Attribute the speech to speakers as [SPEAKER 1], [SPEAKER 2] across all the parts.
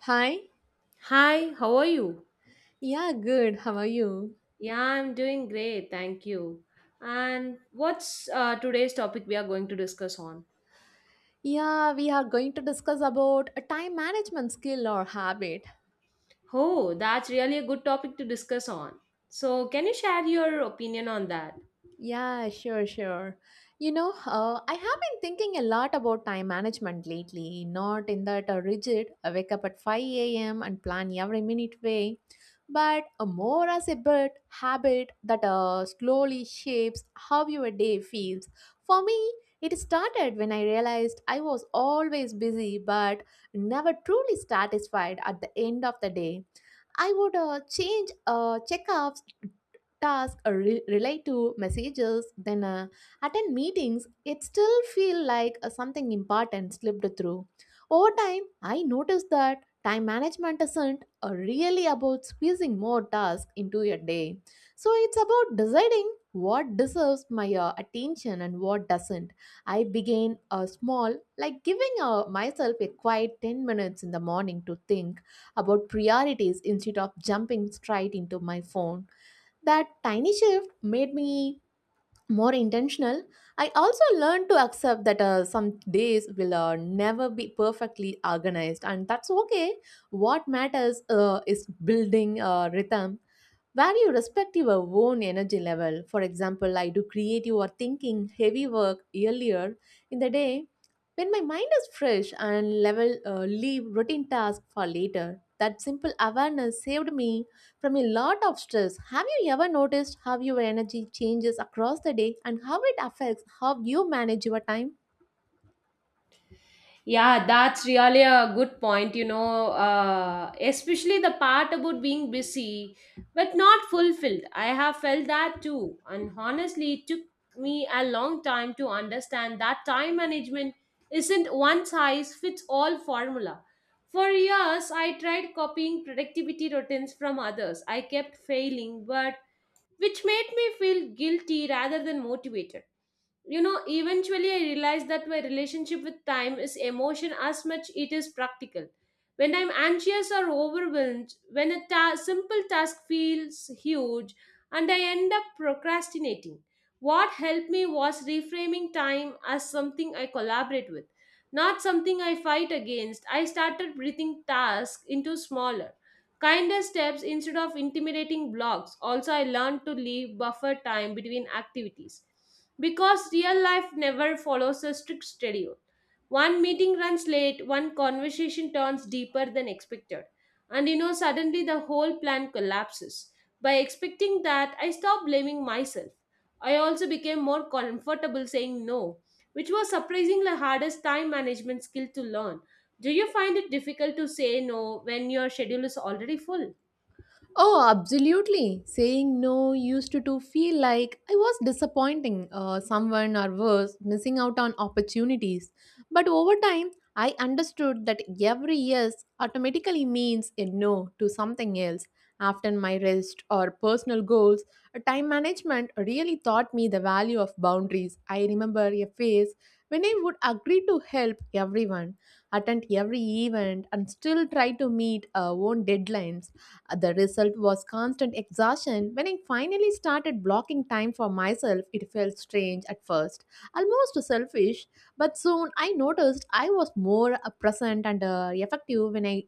[SPEAKER 1] Hi.
[SPEAKER 2] Hi, how are you?
[SPEAKER 1] Yeah, good. How are you?
[SPEAKER 2] Yeah, I'm doing great, thank you. And what's today's topic we are going to discuss on?
[SPEAKER 1] Yeah, we are going to discuss about a time management skill or habit.
[SPEAKER 2] Oh, that's really a good topic to discuss on. So, can you share your opinion on that?
[SPEAKER 1] Yeah, sure, sure. I have been thinking a lot about time management lately, not in that rigid, I wake up at 5 a.m. and plan every minute way, but more as a bit habit that slowly shapes how your day feels. For me, it started when I realized I was always busy but never truly satisfied at the end of the day. I would change checkups task relate to messages, then attend meetings. It still feel like something important slipped through. Over time, I noticed that time management isn't really about squeezing more tasks into a day. So it's about deciding what deserves my attention and what doesn't. I began small, like giving myself a quiet 10 minutes in the morning to think about priorities instead of jumping straight into my phone. That tiny shift made me more intentional. I also learned to accept that some days will never be perfectly organized, and that's okay. What matters is building a rhythm where you respect your own energy level. For example, I do creative or thinking heavy work earlier in the day when my mind is fresh and level, leave routine tasks for later. That simple awareness saved me from a lot of stress. Have you ever noticed how your energy changes across the day and how it affects how you manage your time?
[SPEAKER 2] Yeah, that's really a good point, you know, especially the part about being busy but not fulfilled. I have felt that too. And honestly, it took me a long time to understand that time management isn't one size fits all formula. For years, I tried copying productivity routines from others. I kept failing, but which made me feel guilty rather than motivated, you know. Eventually, I realized that my relationship with time is emotion as much it is practical. When I'm anxious or overwhelmed, when a simple task feels huge and I end up procrastinating, what helped me was reframing time as something I collaborate with, not something I fight against. I started breathing tasks into smaller, kinder steps instead of intimidating blocks. Also, I learned to leave buffer time between activities because real life never follows a strict schedule. One meeting runs late, one conversation turns deeper than expected, and you know, suddenly the whole plan collapses. By expecting that, I stopped blaming myself. I also became more comfortable saying no, which was surprisingly the hardest time management skill to learn. Do you find it difficult to say no when your schedule is already full?
[SPEAKER 1] Oh, absolutely. Saying no used to feel like I was disappointing someone or worse, missing out on opportunities. But over time, I understood that every yes automatically means a no to something else. After my rest or personal goals, time management really taught me the value of boundaries. I remember a phase when I would agree to help everyone, attend every event, and still try to meet our own deadlines. The result was constant exhaustion. When I finally started blocking time for myself, it felt strange at first, almost selfish, but soon I noticed I was more present and effective when I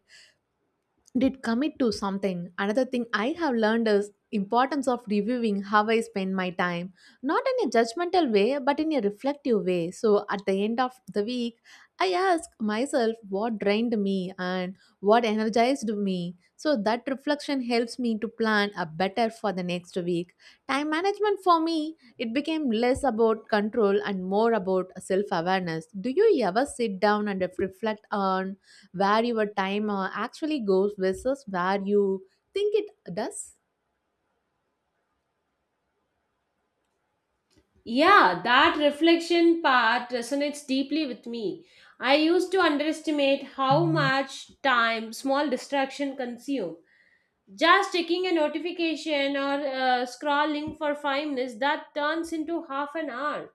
[SPEAKER 1] did commit to something. Another thing I have learned is importance of reviewing how I spend my time, not in a judgmental way but in a reflective way. So at the end of the week, I ask myself what drained me and what energized me, so that reflection helps me to plan a better for the next week. Time management for me, it became less about control and more about self awareness. Do you ever sit down and reflect on where your time actually goes versus where you think it does?
[SPEAKER 2] Yeah, that reflection part resonates deeply with me. I used to underestimate how much time small distraction consume. Just checking a notification or scrolling for 5 minutes that turns into half an hour.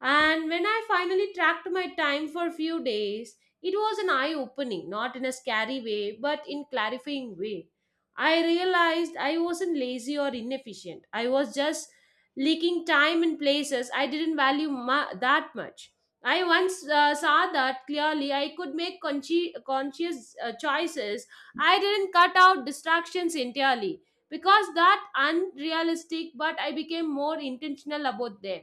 [SPEAKER 2] And when I finally tracked my time for a few days, it was an eye opening, not in a scary way, but in clarifying way. I realized I wasn't lazy or inefficient. I was just leaking time in places I didn't value that much. I once saw that clearly, I could make conscious choices. I didn't cut out distractions entirely because that unrealistic, but I became more intentional about them.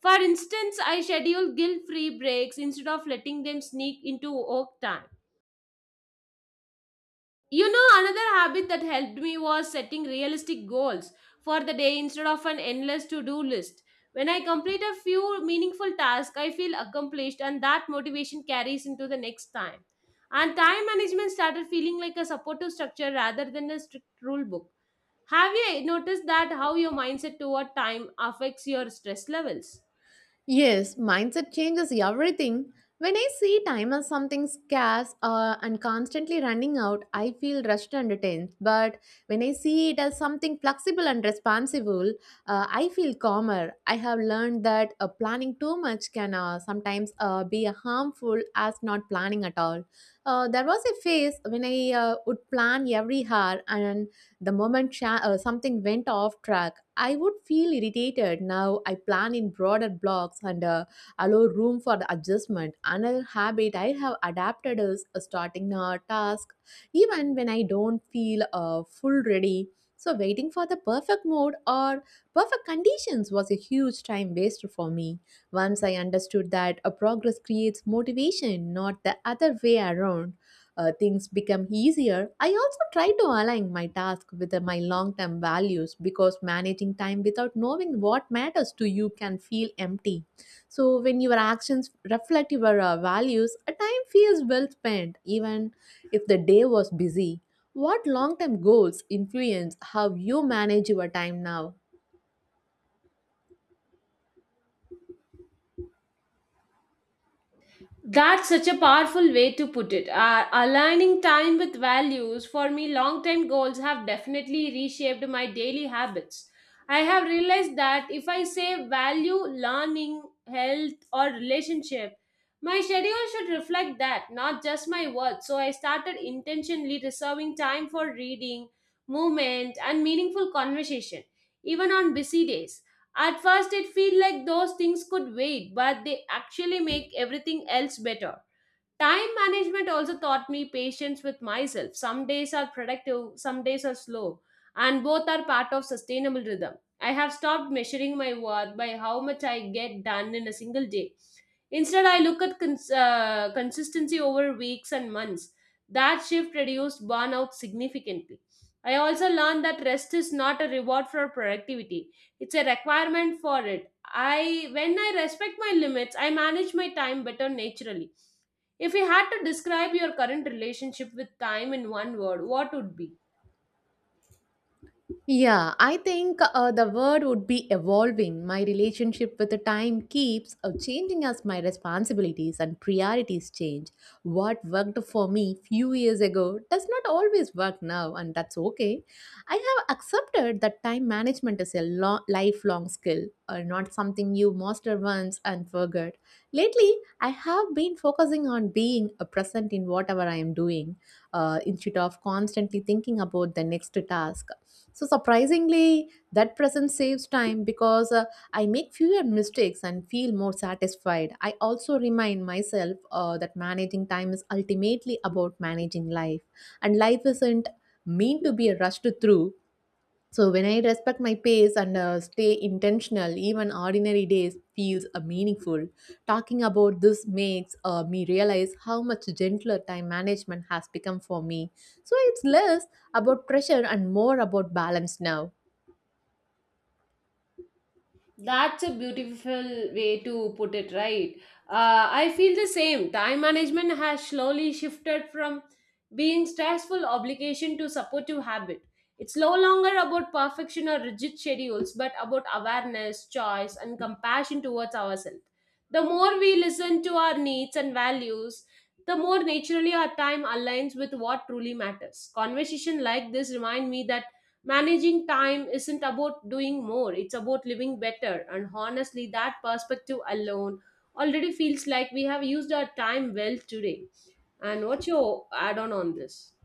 [SPEAKER 2] For instance, I schedule guilt free breaks instead of letting them sneak into work time. You know, another habit that helped me was setting realistic goals for the day instead of an endless to do list. When I complete a few meaningful tasks, I feel accomplished, and that motivation carries into the next time. And time management started feeling like a supportive structure rather than a strict rule book. Have you noticed that how your mindset toward time affects your stress levels?
[SPEAKER 1] Yes, mindset changes everything. When I see time as something scarce and constantly running out, I feel rushed and tense. But when I see it as something flexible and responsible, I feel calmer. I have learned that planning too much can sometimes be harmful as not planning at all. There was a phase when I would plan every hour, and the moment something went off track. I would feel irritated. Now I plan in broader blocks and allow room for the adjustment. Another habit I have adapted is starting a task even when I don't feel full ready. So, waiting for the perfect mode or perfect conditions was a huge time waster for me. Once I understood that a progress creates motivation, not the other way around, things become easier. I also try to align my task with my long term values because managing time without knowing what matters to you can feel empty. So, when your actions reflect your values, a time feels well spent, even if the day was busy. What long term goals influence how you manage your time now?
[SPEAKER 2] That's such a powerful way to put it. Aligning time with values, for me, long term goals have definitely reshaped my daily habits. I have realized that if I say value learning, health, or relationship, my schedule should reflect that, not just my words. So I started intentionally reserving time for reading, movement, and meaningful conversation, even on busy days. At first, it feels like those things could wait, but they actually make everything else better. Time management also taught me patience with myself. Some days are productive, some days are slow, and both are part of sustainable rhythm. I have stopped measuring my work by how much I get done in a single day. Instead, I look at consistency over weeks and months. That shift reduced burnout significantly. I also learned that rest is not a reward for productivity. It's a requirement for it. I when I respect my limits, I manage my time better naturally. If you had to describe your current relationship with time in one word, what would be?
[SPEAKER 1] Yeah, I think the word would be evolving. My relationship with the time keeps changing as my responsibilities and priorities change. What worked for me few years ago does not always work now, and that's okay. I have accepted that time management is a lifelong skill, not something you master once and forget. Lately, I have been focusing on being a present in whatever I am doing, instead of constantly thinking about the next task. So surprisingly, that presence saves time because I make fewer mistakes and feel more satisfied. I also remind myself that managing time is ultimately about managing life, and life isn't mean to be rushed through. So when I respect my pace and stay intentional, even ordinary days feels meaningful. Talking about this makes me realize how much gentler time management has become for me. So it's less about pressure and more about balance now.
[SPEAKER 2] That's a beautiful way to put it, right? I feel the same. Time management has slowly shifted from being stressful obligation to supportive habit. It's no longer about perfection or rigid schedules, but about awareness, choice, and compassion towards ourselves. The more we listen to our needs and values, the more naturally our time aligns with what truly matters. Conversation like this remind me that managing time isn't about doing more, it's about living better. And honestly, that perspective alone already feels like we have used our time well today. And what's your add on this?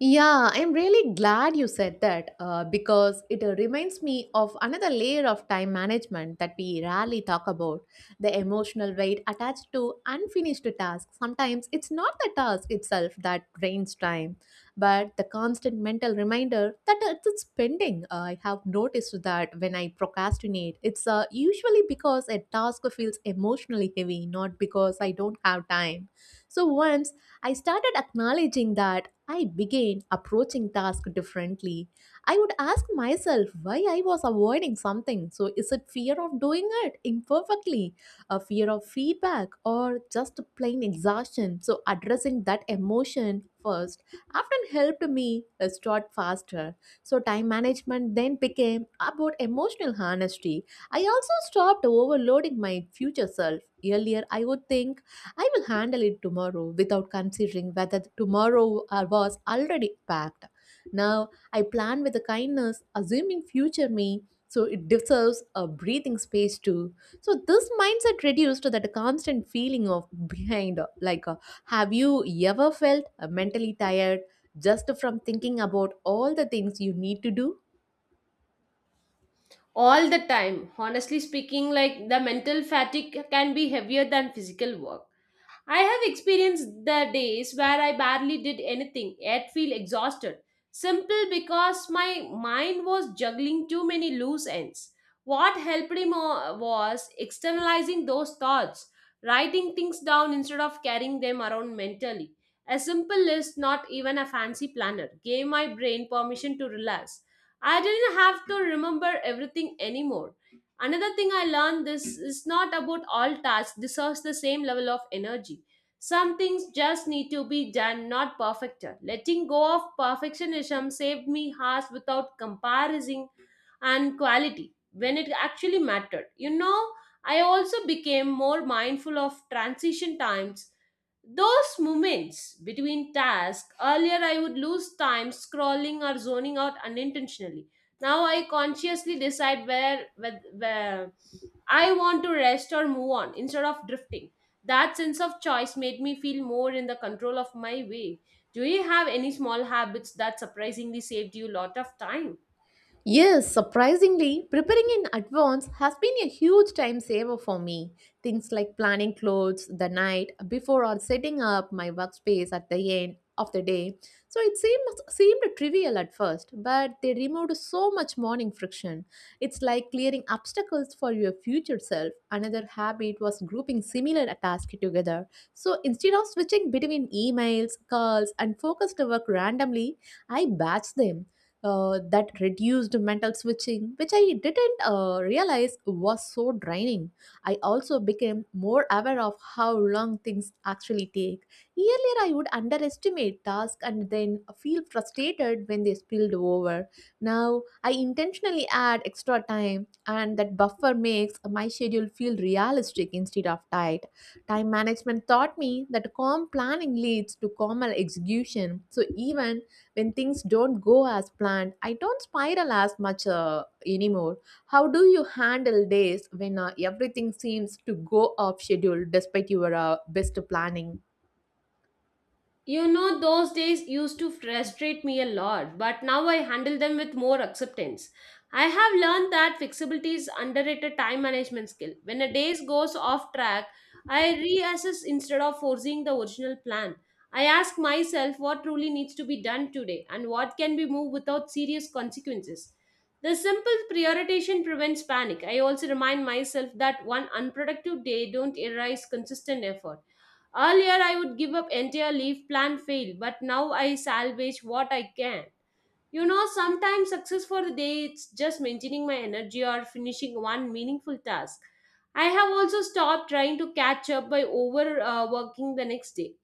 [SPEAKER 1] Yeah, I'm really glad you said that because it reminds me of another layer of time management that we rarely talk about the emotional weight attached to unfinished tasks. Sometimes it's not the task itself that drains time, but the constant mental reminder that it's pending. I have noticed that when I procrastinate, it's usually because a task feels emotionally heavy, not because I don't have time. So once I started acknowledging that, I began approaching tasks differently. I would ask myself why I was avoiding something. So, is it fear of doing it imperfectly, a fear of feedback, or just plain exhaustion? So, addressing that emotion first often helped me start faster. So, time management then became about emotional honesty. I also stopped overloading my future self. Earlier, I would think I will handle it tomorrow without considering whether tomorrow was already packed. Now I plan with a kindness, assuming future me, so it deserves a breathing space too. So this mindset reduced that constant feeling of behind. Like, have you ever felt mentally tired just from thinking about all the things you need to do?
[SPEAKER 2] All the time, honestly speaking, like the mental fatigue can be heavier than physical work. I have experienced the days where I barely did anything, yet feel exhausted, simple because my mind was juggling too many loose ends. What helped me was externalizing those thoughts, writing things down instead of carrying them around mentally. A simple list, not even a fancy planner, gave my brain permission to relax. I didn't have to remember everything anymore. Another thing I learned this is not about all tasks deserves the same level of energy. Some things just need to be done, not perfected. Letting go of perfectionism saved me hours without comparison and quality when it actually mattered. You know, I also became more mindful of transition times, those moments between tasks. Earlier I would lose time scrolling or zoning out unintentionally. Now I consciously decide where I want to rest or move on instead of drifting. That sense of choice made me feel more in the control of my way. Do you have any small habits that surprisingly saved you a lot of time?
[SPEAKER 1] Yes, surprisingly, preparing in advance has been a huge time saver for me. Things like planning clothes the night before or setting up my workspace at the end of the day. So it seems seemed trivial at first, but they removed so much morning friction. It's like clearing obstacles for your future self. Another habit was grouping similar tasks together. So instead of switching between emails, calls, and focused work randomly, I batch them. That reduced mental switching, which I didn't realize was so draining. I also became more aware of how long things actually take. Earlier, I would underestimate tasks and then feel frustrated when they spilled over. Now, I intentionally add extra time, and that buffer makes my schedule feel realistic instead of tight. Time management taught me that calm planning leads to calmer execution. So, even when things don't go as planned, I don't spiral as much anymore. How do you handle days when everything seems to go off schedule despite your best planning?
[SPEAKER 2] You know, those days used to frustrate me a lot, but now I handle them with more acceptance. I have learned that flexibility is underrated time management skill. When a day goes off track, I reassess instead of forcing the original plan. I ask myself what truly needs to be done today and what can be moved without serious consequences. The simple prioritization prevents panic. I also remind myself that one unproductive day don't erase consistent effort. Earlier, I would give up entire leaf plan fail, but now I salvage what I can. You know, sometimes success for the day it's just maintaining my energy or finishing one meaningful task. I have also stopped trying to catch up by overworking working the next day.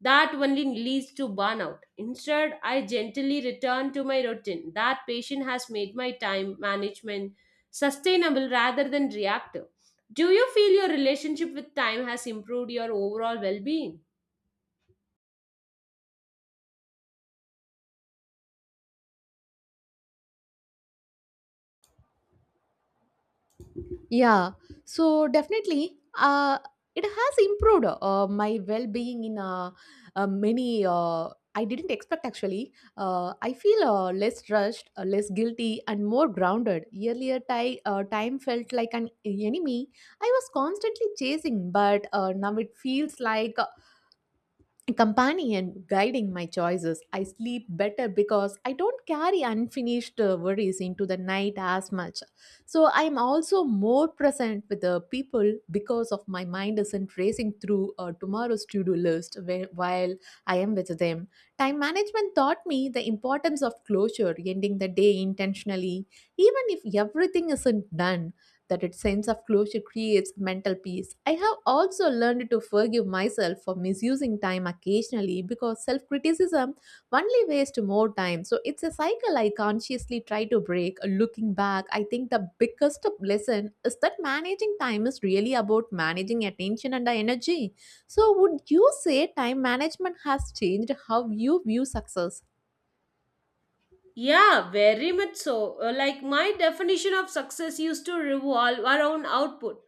[SPEAKER 2] That only leads to burnout. Instead, I gently return to my routine. That patient has made my time management sustainable rather than reactive. Do you feel your relationship with time has improved your overall well being?
[SPEAKER 1] Yeah, so definitely, it has improved my well-being in many. I didn't expect actually. I feel less rushed, less guilty, and more grounded. Earlier, time felt like an enemy I was constantly chasing, but now it feels like companion guiding my choices. I sleep better because I don't carry unfinished worries into the night as much. So I'm also more present with the people because of my mind isn't racing through tomorrow's to-do list while I am with them. Time management taught me the importance of closure, ending the day intentionally, even if everything isn't done. That its sense of closure creates mental peace. I have also learned to forgive myself for misusing time occasionally because self criticism only wastes more time. So it's a cycle I consciously try to break. Looking back, I think the biggest lesson is that managing time is really about managing attention and energy. So, would you say time management has changed how you view success?
[SPEAKER 2] Yeah, very much so. Like my definition of success used to revolve around output,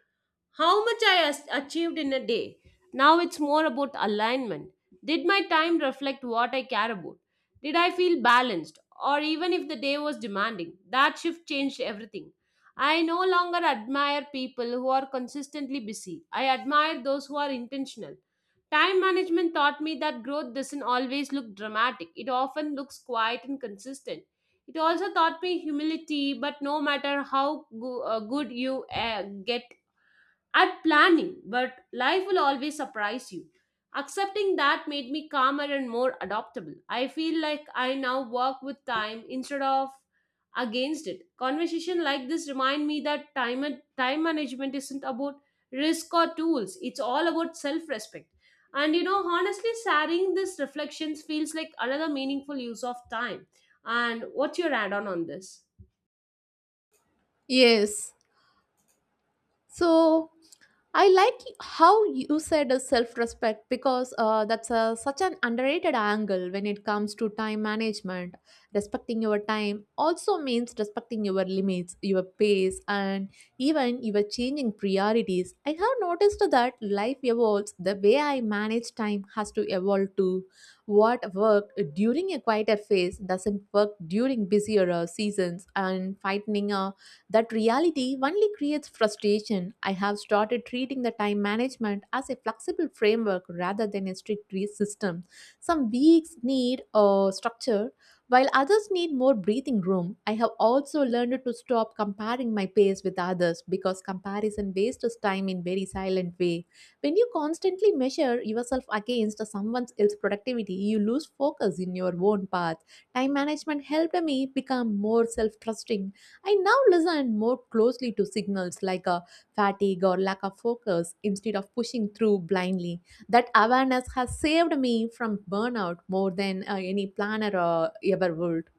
[SPEAKER 2] how much I achieved in a day. Now it's more about alignment. Did my time reflect what I care about? Did I feel balanced? Or even if the day was demanding, that shift changed everything. I no longer admire people who are consistently busy. I admire those who are intentional. Time management taught me that growth doesn't always look dramatic, it often looks quiet and consistent. It also taught me humility, but no matter how good you get at planning, but life will always surprise you. Accepting that made me calmer and more adaptable. I feel like I now work with time instead of against it. Conversation like this remind me that time management isn't about risk or tools. It's all about self-respect. And you know, honestly, sharing these reflections feels like another meaningful use of time. And what's your add-on on this?
[SPEAKER 1] Yes. So I like how you said self-respect because that's such an underrated angle when it comes to time management. Respecting your time also means respecting your limits, your pace, and even your changing priorities. I have noticed that life evolves. The way I manage time has to evolve too. What worked during a quieter phase doesn't work during busier seasons, and finding a that reality only creates frustration. I have started treating the time management as a flexible framework rather than a strict system. Some weeks need a structure, while others need more breathing room. I have also learned to stop comparing my pace with others because comparison wastes time in very silent way. When you constantly measure yourself against someone else's productivity, you lose focus in your own path. Time management helped me become more self trusting. I now listen more closely to signals like a fatigue or lack of focus instead of pushing through blindly. That awareness has saved me from burnout more than any planner ever would.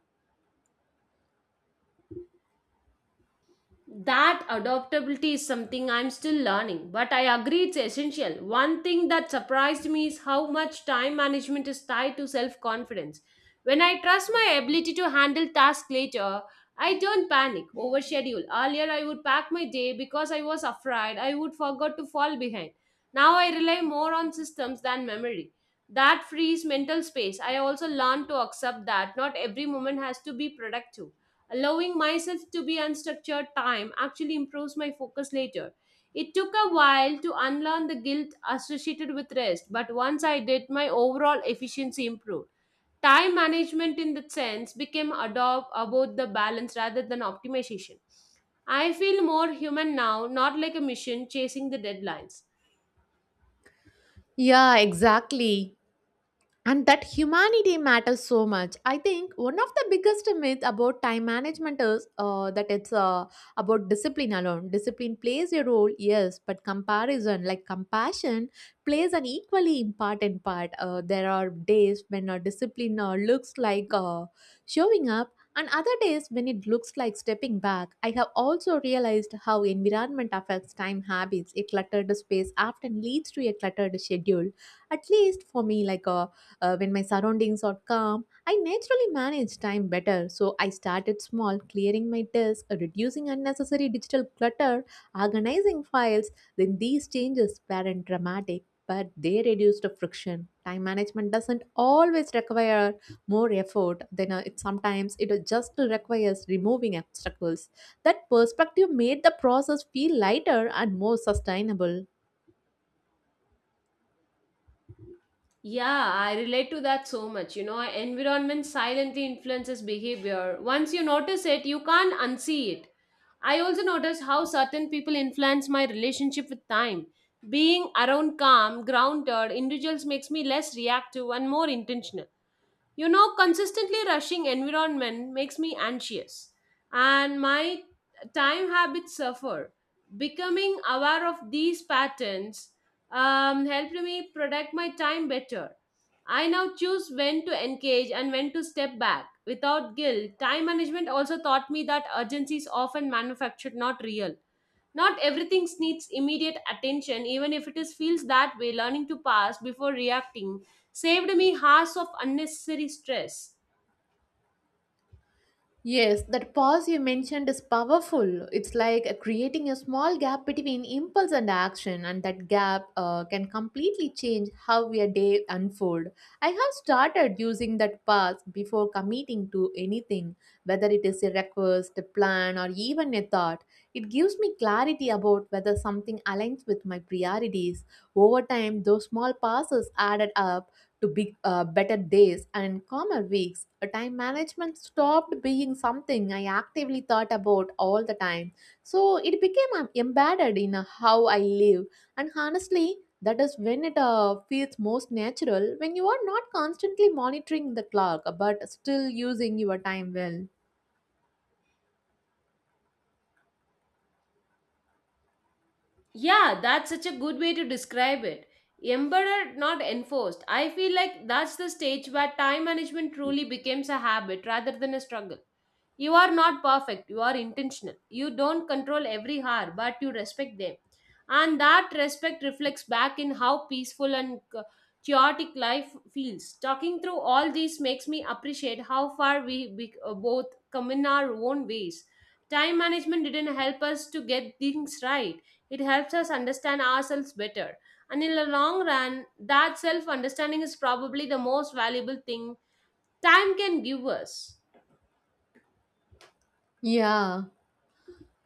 [SPEAKER 2] That adaptability is something I'm still learning, but I agree it's essential. One thing that surprised me is how much time management is tied to self confidence. When I trust my ability to handle tasks later, I don't panic over schedule. Earlier I would pack my day because I was afraid I would forget to fall behind. Now I rely more on systems than memory. That frees mental space. I also learned to accept that not every moment has to be productive. Allowing myself to be unstructured time actually improves my focus later. It took a while to unlearn the guilt associated with rest, but once I did, my overall efficiency improved. Time management, in that sense, became adopt about the balance rather than optimization. I feel more human now, not like a machine chasing the deadlines.
[SPEAKER 1] Yeah, exactly. And that humanity matters so much. I think one of the biggest myths about time management is that it's about discipline alone. Discipline plays a role, yes, but comparison like compassion plays an equally important part. There are days when discipline looks like showing up, and other days when it looks like stepping back. I have also realized how environment affects time habits. A cluttered space often leads to a cluttered schedule, at least for me. Like a When my surroundings are calm, I naturally manage time better. So I started small, clearing my desk, reducing unnecessary digital clutter, organizing files. Then these changes weren't dramatic, but they reduced the friction. Time management doesn't always require more effort than it Sometimes it just requires removing obstacles. That perspective made the process feel lighter and more sustainable.
[SPEAKER 2] Yeah, I relate to that so much. You know, environment silently influences behavior. Once you notice it, you can't unsee it. I also notice how certain people influence my relationship with time. Being around calm, grounded individuals makes me less reactive and more intentional. You know, consistently rushing environment makes me anxious and my time habits suffer. Becoming aware of these patterns helped me protect my time better. I now choose when to engage and when to step back without guilt. Time management also taught me that urgency is often manufactured, not real. Not everything needs immediate attention, even if it is feels that way. Learning to pass before reacting saved me hours of unnecessary stress.
[SPEAKER 1] Yes, that pause you mentioned is powerful. It's like creating a small gap between impulse and action, and that gap can completely change how your day unfold. I have started using that pause before committing to anything, whether it is a request, a plan, or even a thought. It gives me clarity about whether something aligns with my priorities. Over time, those small pauses added up to big, better days and calmer weeks. Time management stopped being something I actively thought about all the time. So it became embedded in how I live. And honestly, that is when it feels most natural, when you are not constantly monitoring the clock but still using your time well.
[SPEAKER 2] Yeah, that's such a good way to describe it. Embedded, not enforced. I feel like that's the stage where time management truly becomes a habit rather than a struggle. You are not perfect, you are intentional. You don't control every hour, but you respect them. And that respect reflects back in how peaceful and chaotic life feels. Talking through all these makes me appreciate how far we both come in our own ways. Time management didn't help us to get things right, it helps us understand ourselves better. And in the long run, that self understanding is probably the most valuable thing time can give us.
[SPEAKER 1] Yeah.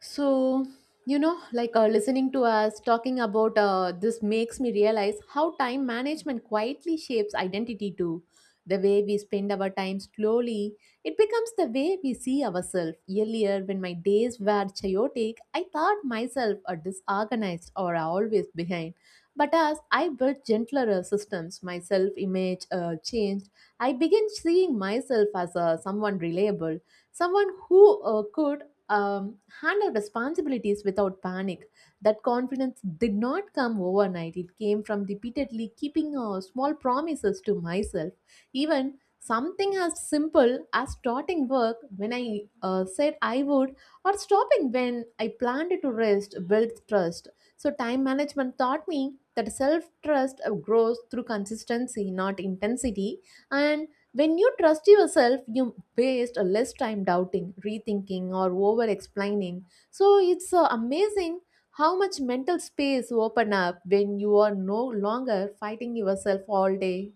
[SPEAKER 1] So, you know, like listening to us talking about this makes me realize how time management quietly shapes identity too. The way we spend our time slowly, it becomes the way we see ourselves. Earlier, when my days were chaotic, I thought myself a disorganized or always behind. But as I built gentler systems, my self image changed. I began seeing myself as someone reliable, someone who could handle responsibilities without panic. That confidence did not come overnight. It came from repeatedly keeping small promises to myself. Even something as simple as starting work when I said I would, or stopping when I planned to rest, built trust. So, time management taught me that self trust grows through consistency, not intensity. And when you trust yourself, you waste a less time doubting, rethinking, or over explaining. So it's amazing how much mental space open up when you are no longer fighting yourself all day.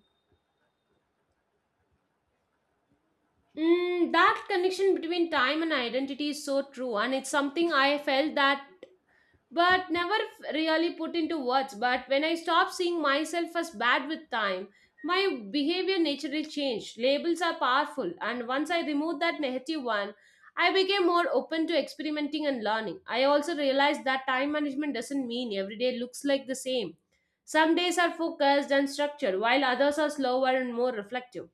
[SPEAKER 2] Mm, that connection between time and identity is so true, and it's something I felt that but never really put into words. But when I stopped seeing myself as bad with time, my behavior naturally changed. Labels are powerful, and once I removed that negative one, I became more open to experimenting and learning. I also realized that time management doesn't mean every day looks like the same. Some days are focused and structured, while others are slower and more reflective.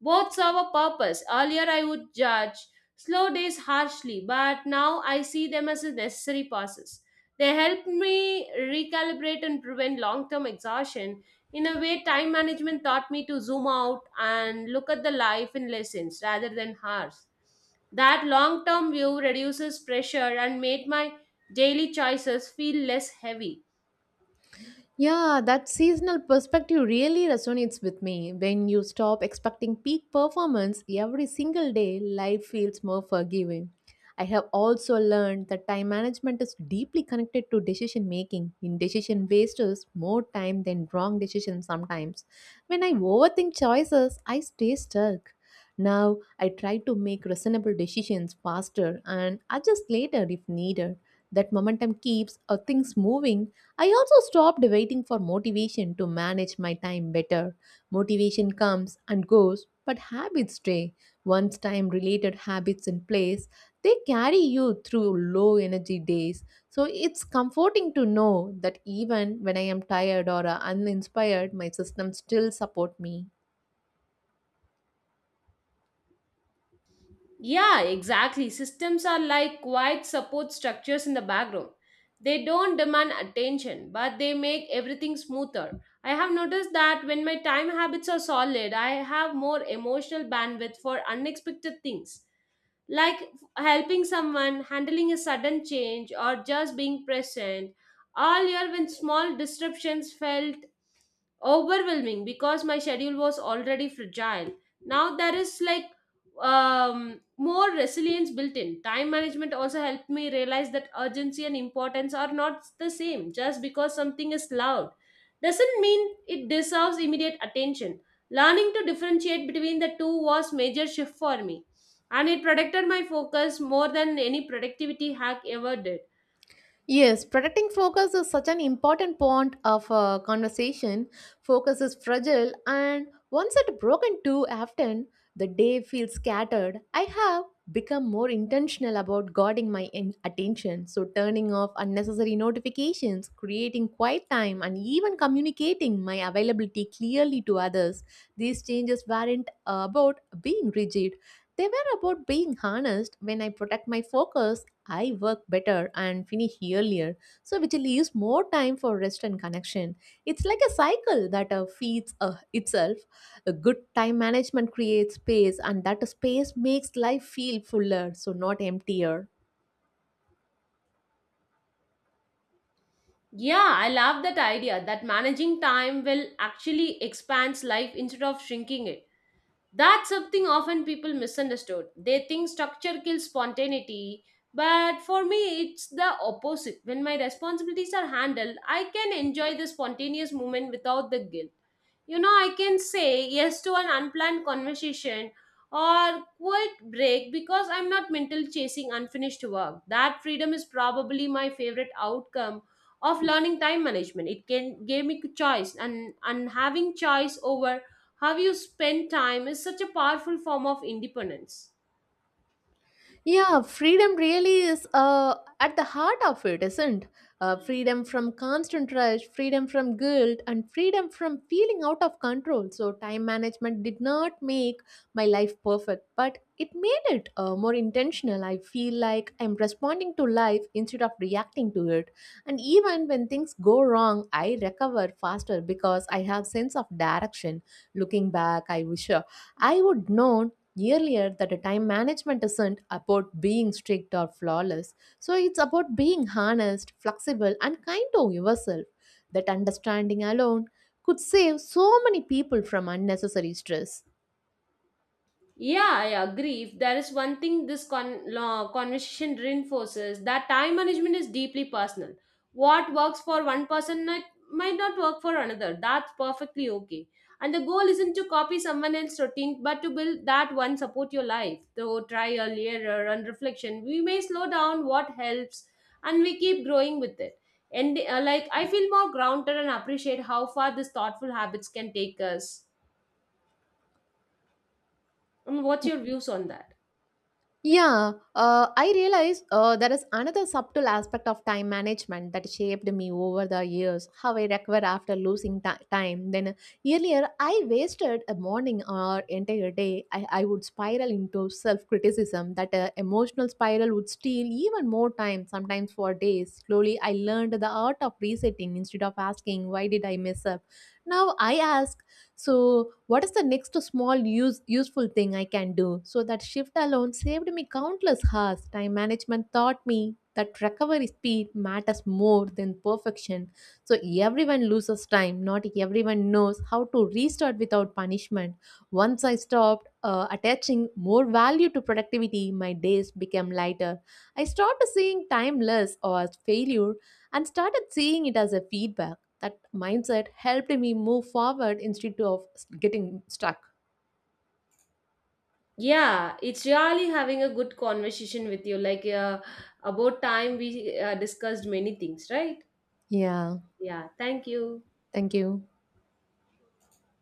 [SPEAKER 2] Both serve a purpose. Earlier, I would judge slow days harshly, but now I see them as a necessary process. They help me recalibrate and prevent long term exhaustion. In a way, time management taught me to zoom out and look at the life in lessons rather than hours. That long term view reduces pressure and made my daily choices feel less heavy.
[SPEAKER 1] Yeah, that seasonal perspective really resonates with me. When you stop expecting peak performance every single day, life feels more forgiving. I have also learned that time management is deeply connected to decision making. Indecision wastes us more time than wrong decisions sometimes. When I overthink choices, I stay stuck. Now, I try to make reasonable decisions faster and adjust later if needed. That momentum keeps things moving. I also stopped waiting for motivation to manage my time better. Motivation comes and goes, but habits stay. Once time related habits in place, they carry you through low energy days. So it's comforting to know that even when I am tired or uninspired, my system still support me.
[SPEAKER 2] Yeah, exactly. Systems are like quiet support structures in the background. They don't demand attention, but they make everything smoother. I have noticed that when my time habits are solid, I have more emotional bandwidth for unexpected things like helping someone, handling a sudden change, or just being present. All year, when small disruptions felt overwhelming because my schedule was already fragile. Now there is like more resilience built in. Time management also helped me realize that urgency and importance are not the same. Just because something is loud doesn't mean it deserves immediate attention. Learning to differentiate between the two was major shift for me and it protected my focus more than any productivity hack ever did.
[SPEAKER 1] Yes, protecting focus is such an important point of a conversation. Focus is fragile, and once it broken too often, the day feels scattered. I have become more intentional about guarding my attention, so turning off unnecessary notifications, creating quiet time, and even communicating my availability clearly to others. These changes weren't about being rigid. They were about being honest. When I protect my focus, I work better and finish earlier, so which leaves more time for rest and connection. It's like a cycle that feeds itself. A good time management creates space, and that space makes life feel fuller, so not emptier.
[SPEAKER 2] Yeah, I love that idea that managing time will actually expand life instead of shrinking it. That's something often people misunderstood. They think structure kills spontaneity, but for me, it's the opposite. When my responsibilities are handled, I can enjoy the spontaneous moment without the guilt. You know, I can say yes to an unplanned conversation or quit break because I'm not mentally chasing unfinished work. That freedom is probably my favorite outcome of learning time management. It can gave me choice and having choice over how you spend time is such a powerful form of independence.
[SPEAKER 1] Yeah, freedom really is at the heart of it, isn't? Freedom from constant rush, freedom from guilt, and freedom from feeling out of control. So, time management did not make my life perfect, but it made it more intentional. I feel like I'm responding to life instead of reacting to it. And even when things go wrong, I recover faster because I have sense of direction. Looking back, I wish I would known earlier that a time management isn't about being strict or flawless, so it's about being honest, flexible, and kind to yourself. That understanding alone could save so many people from unnecessary stress.
[SPEAKER 2] Yeah, I agree. If there is one thing this conversation reinforces, that time management is deeply personal. What works for one person might not work for another. That's perfectly okay. And the goal isn't to copy someone else's routine, but to build that one support your life. Through trial, error, and reflection, we may slow down what helps and we keep growing with it. And I feel more grounded and appreciate how far these thoughtful habits can take us. And what's your views on that?
[SPEAKER 1] Yeah, I realize there is another subtle aspect of time management that shaped me over the years. How I recover after losing time. Then earlier, I wasted a morning or entire day. I would spiral into self criticism. That emotional spiral would steal even more time, sometimes for days. Slowly, I learned the art of resetting. Instead of asking, "Why did I mess up?" now I ask, so what is the next small useful thing I can do? So that shift alone saved me countless hours. Time management taught me that recovery speed matters more than perfection. So everyone loses time, not everyone knows how to restart without punishment. Once I stopped attaching more value to productivity, my days became lighter. I stopped seeing time less or as failure, and started seeing it as a feedback. That mindset helped me move forward instead of getting stuck.
[SPEAKER 2] Yeah, it's really having a good conversation with you. About time we discussed many things, right?
[SPEAKER 1] Yeah.
[SPEAKER 2] Yeah, thank you.
[SPEAKER 1] Thank you.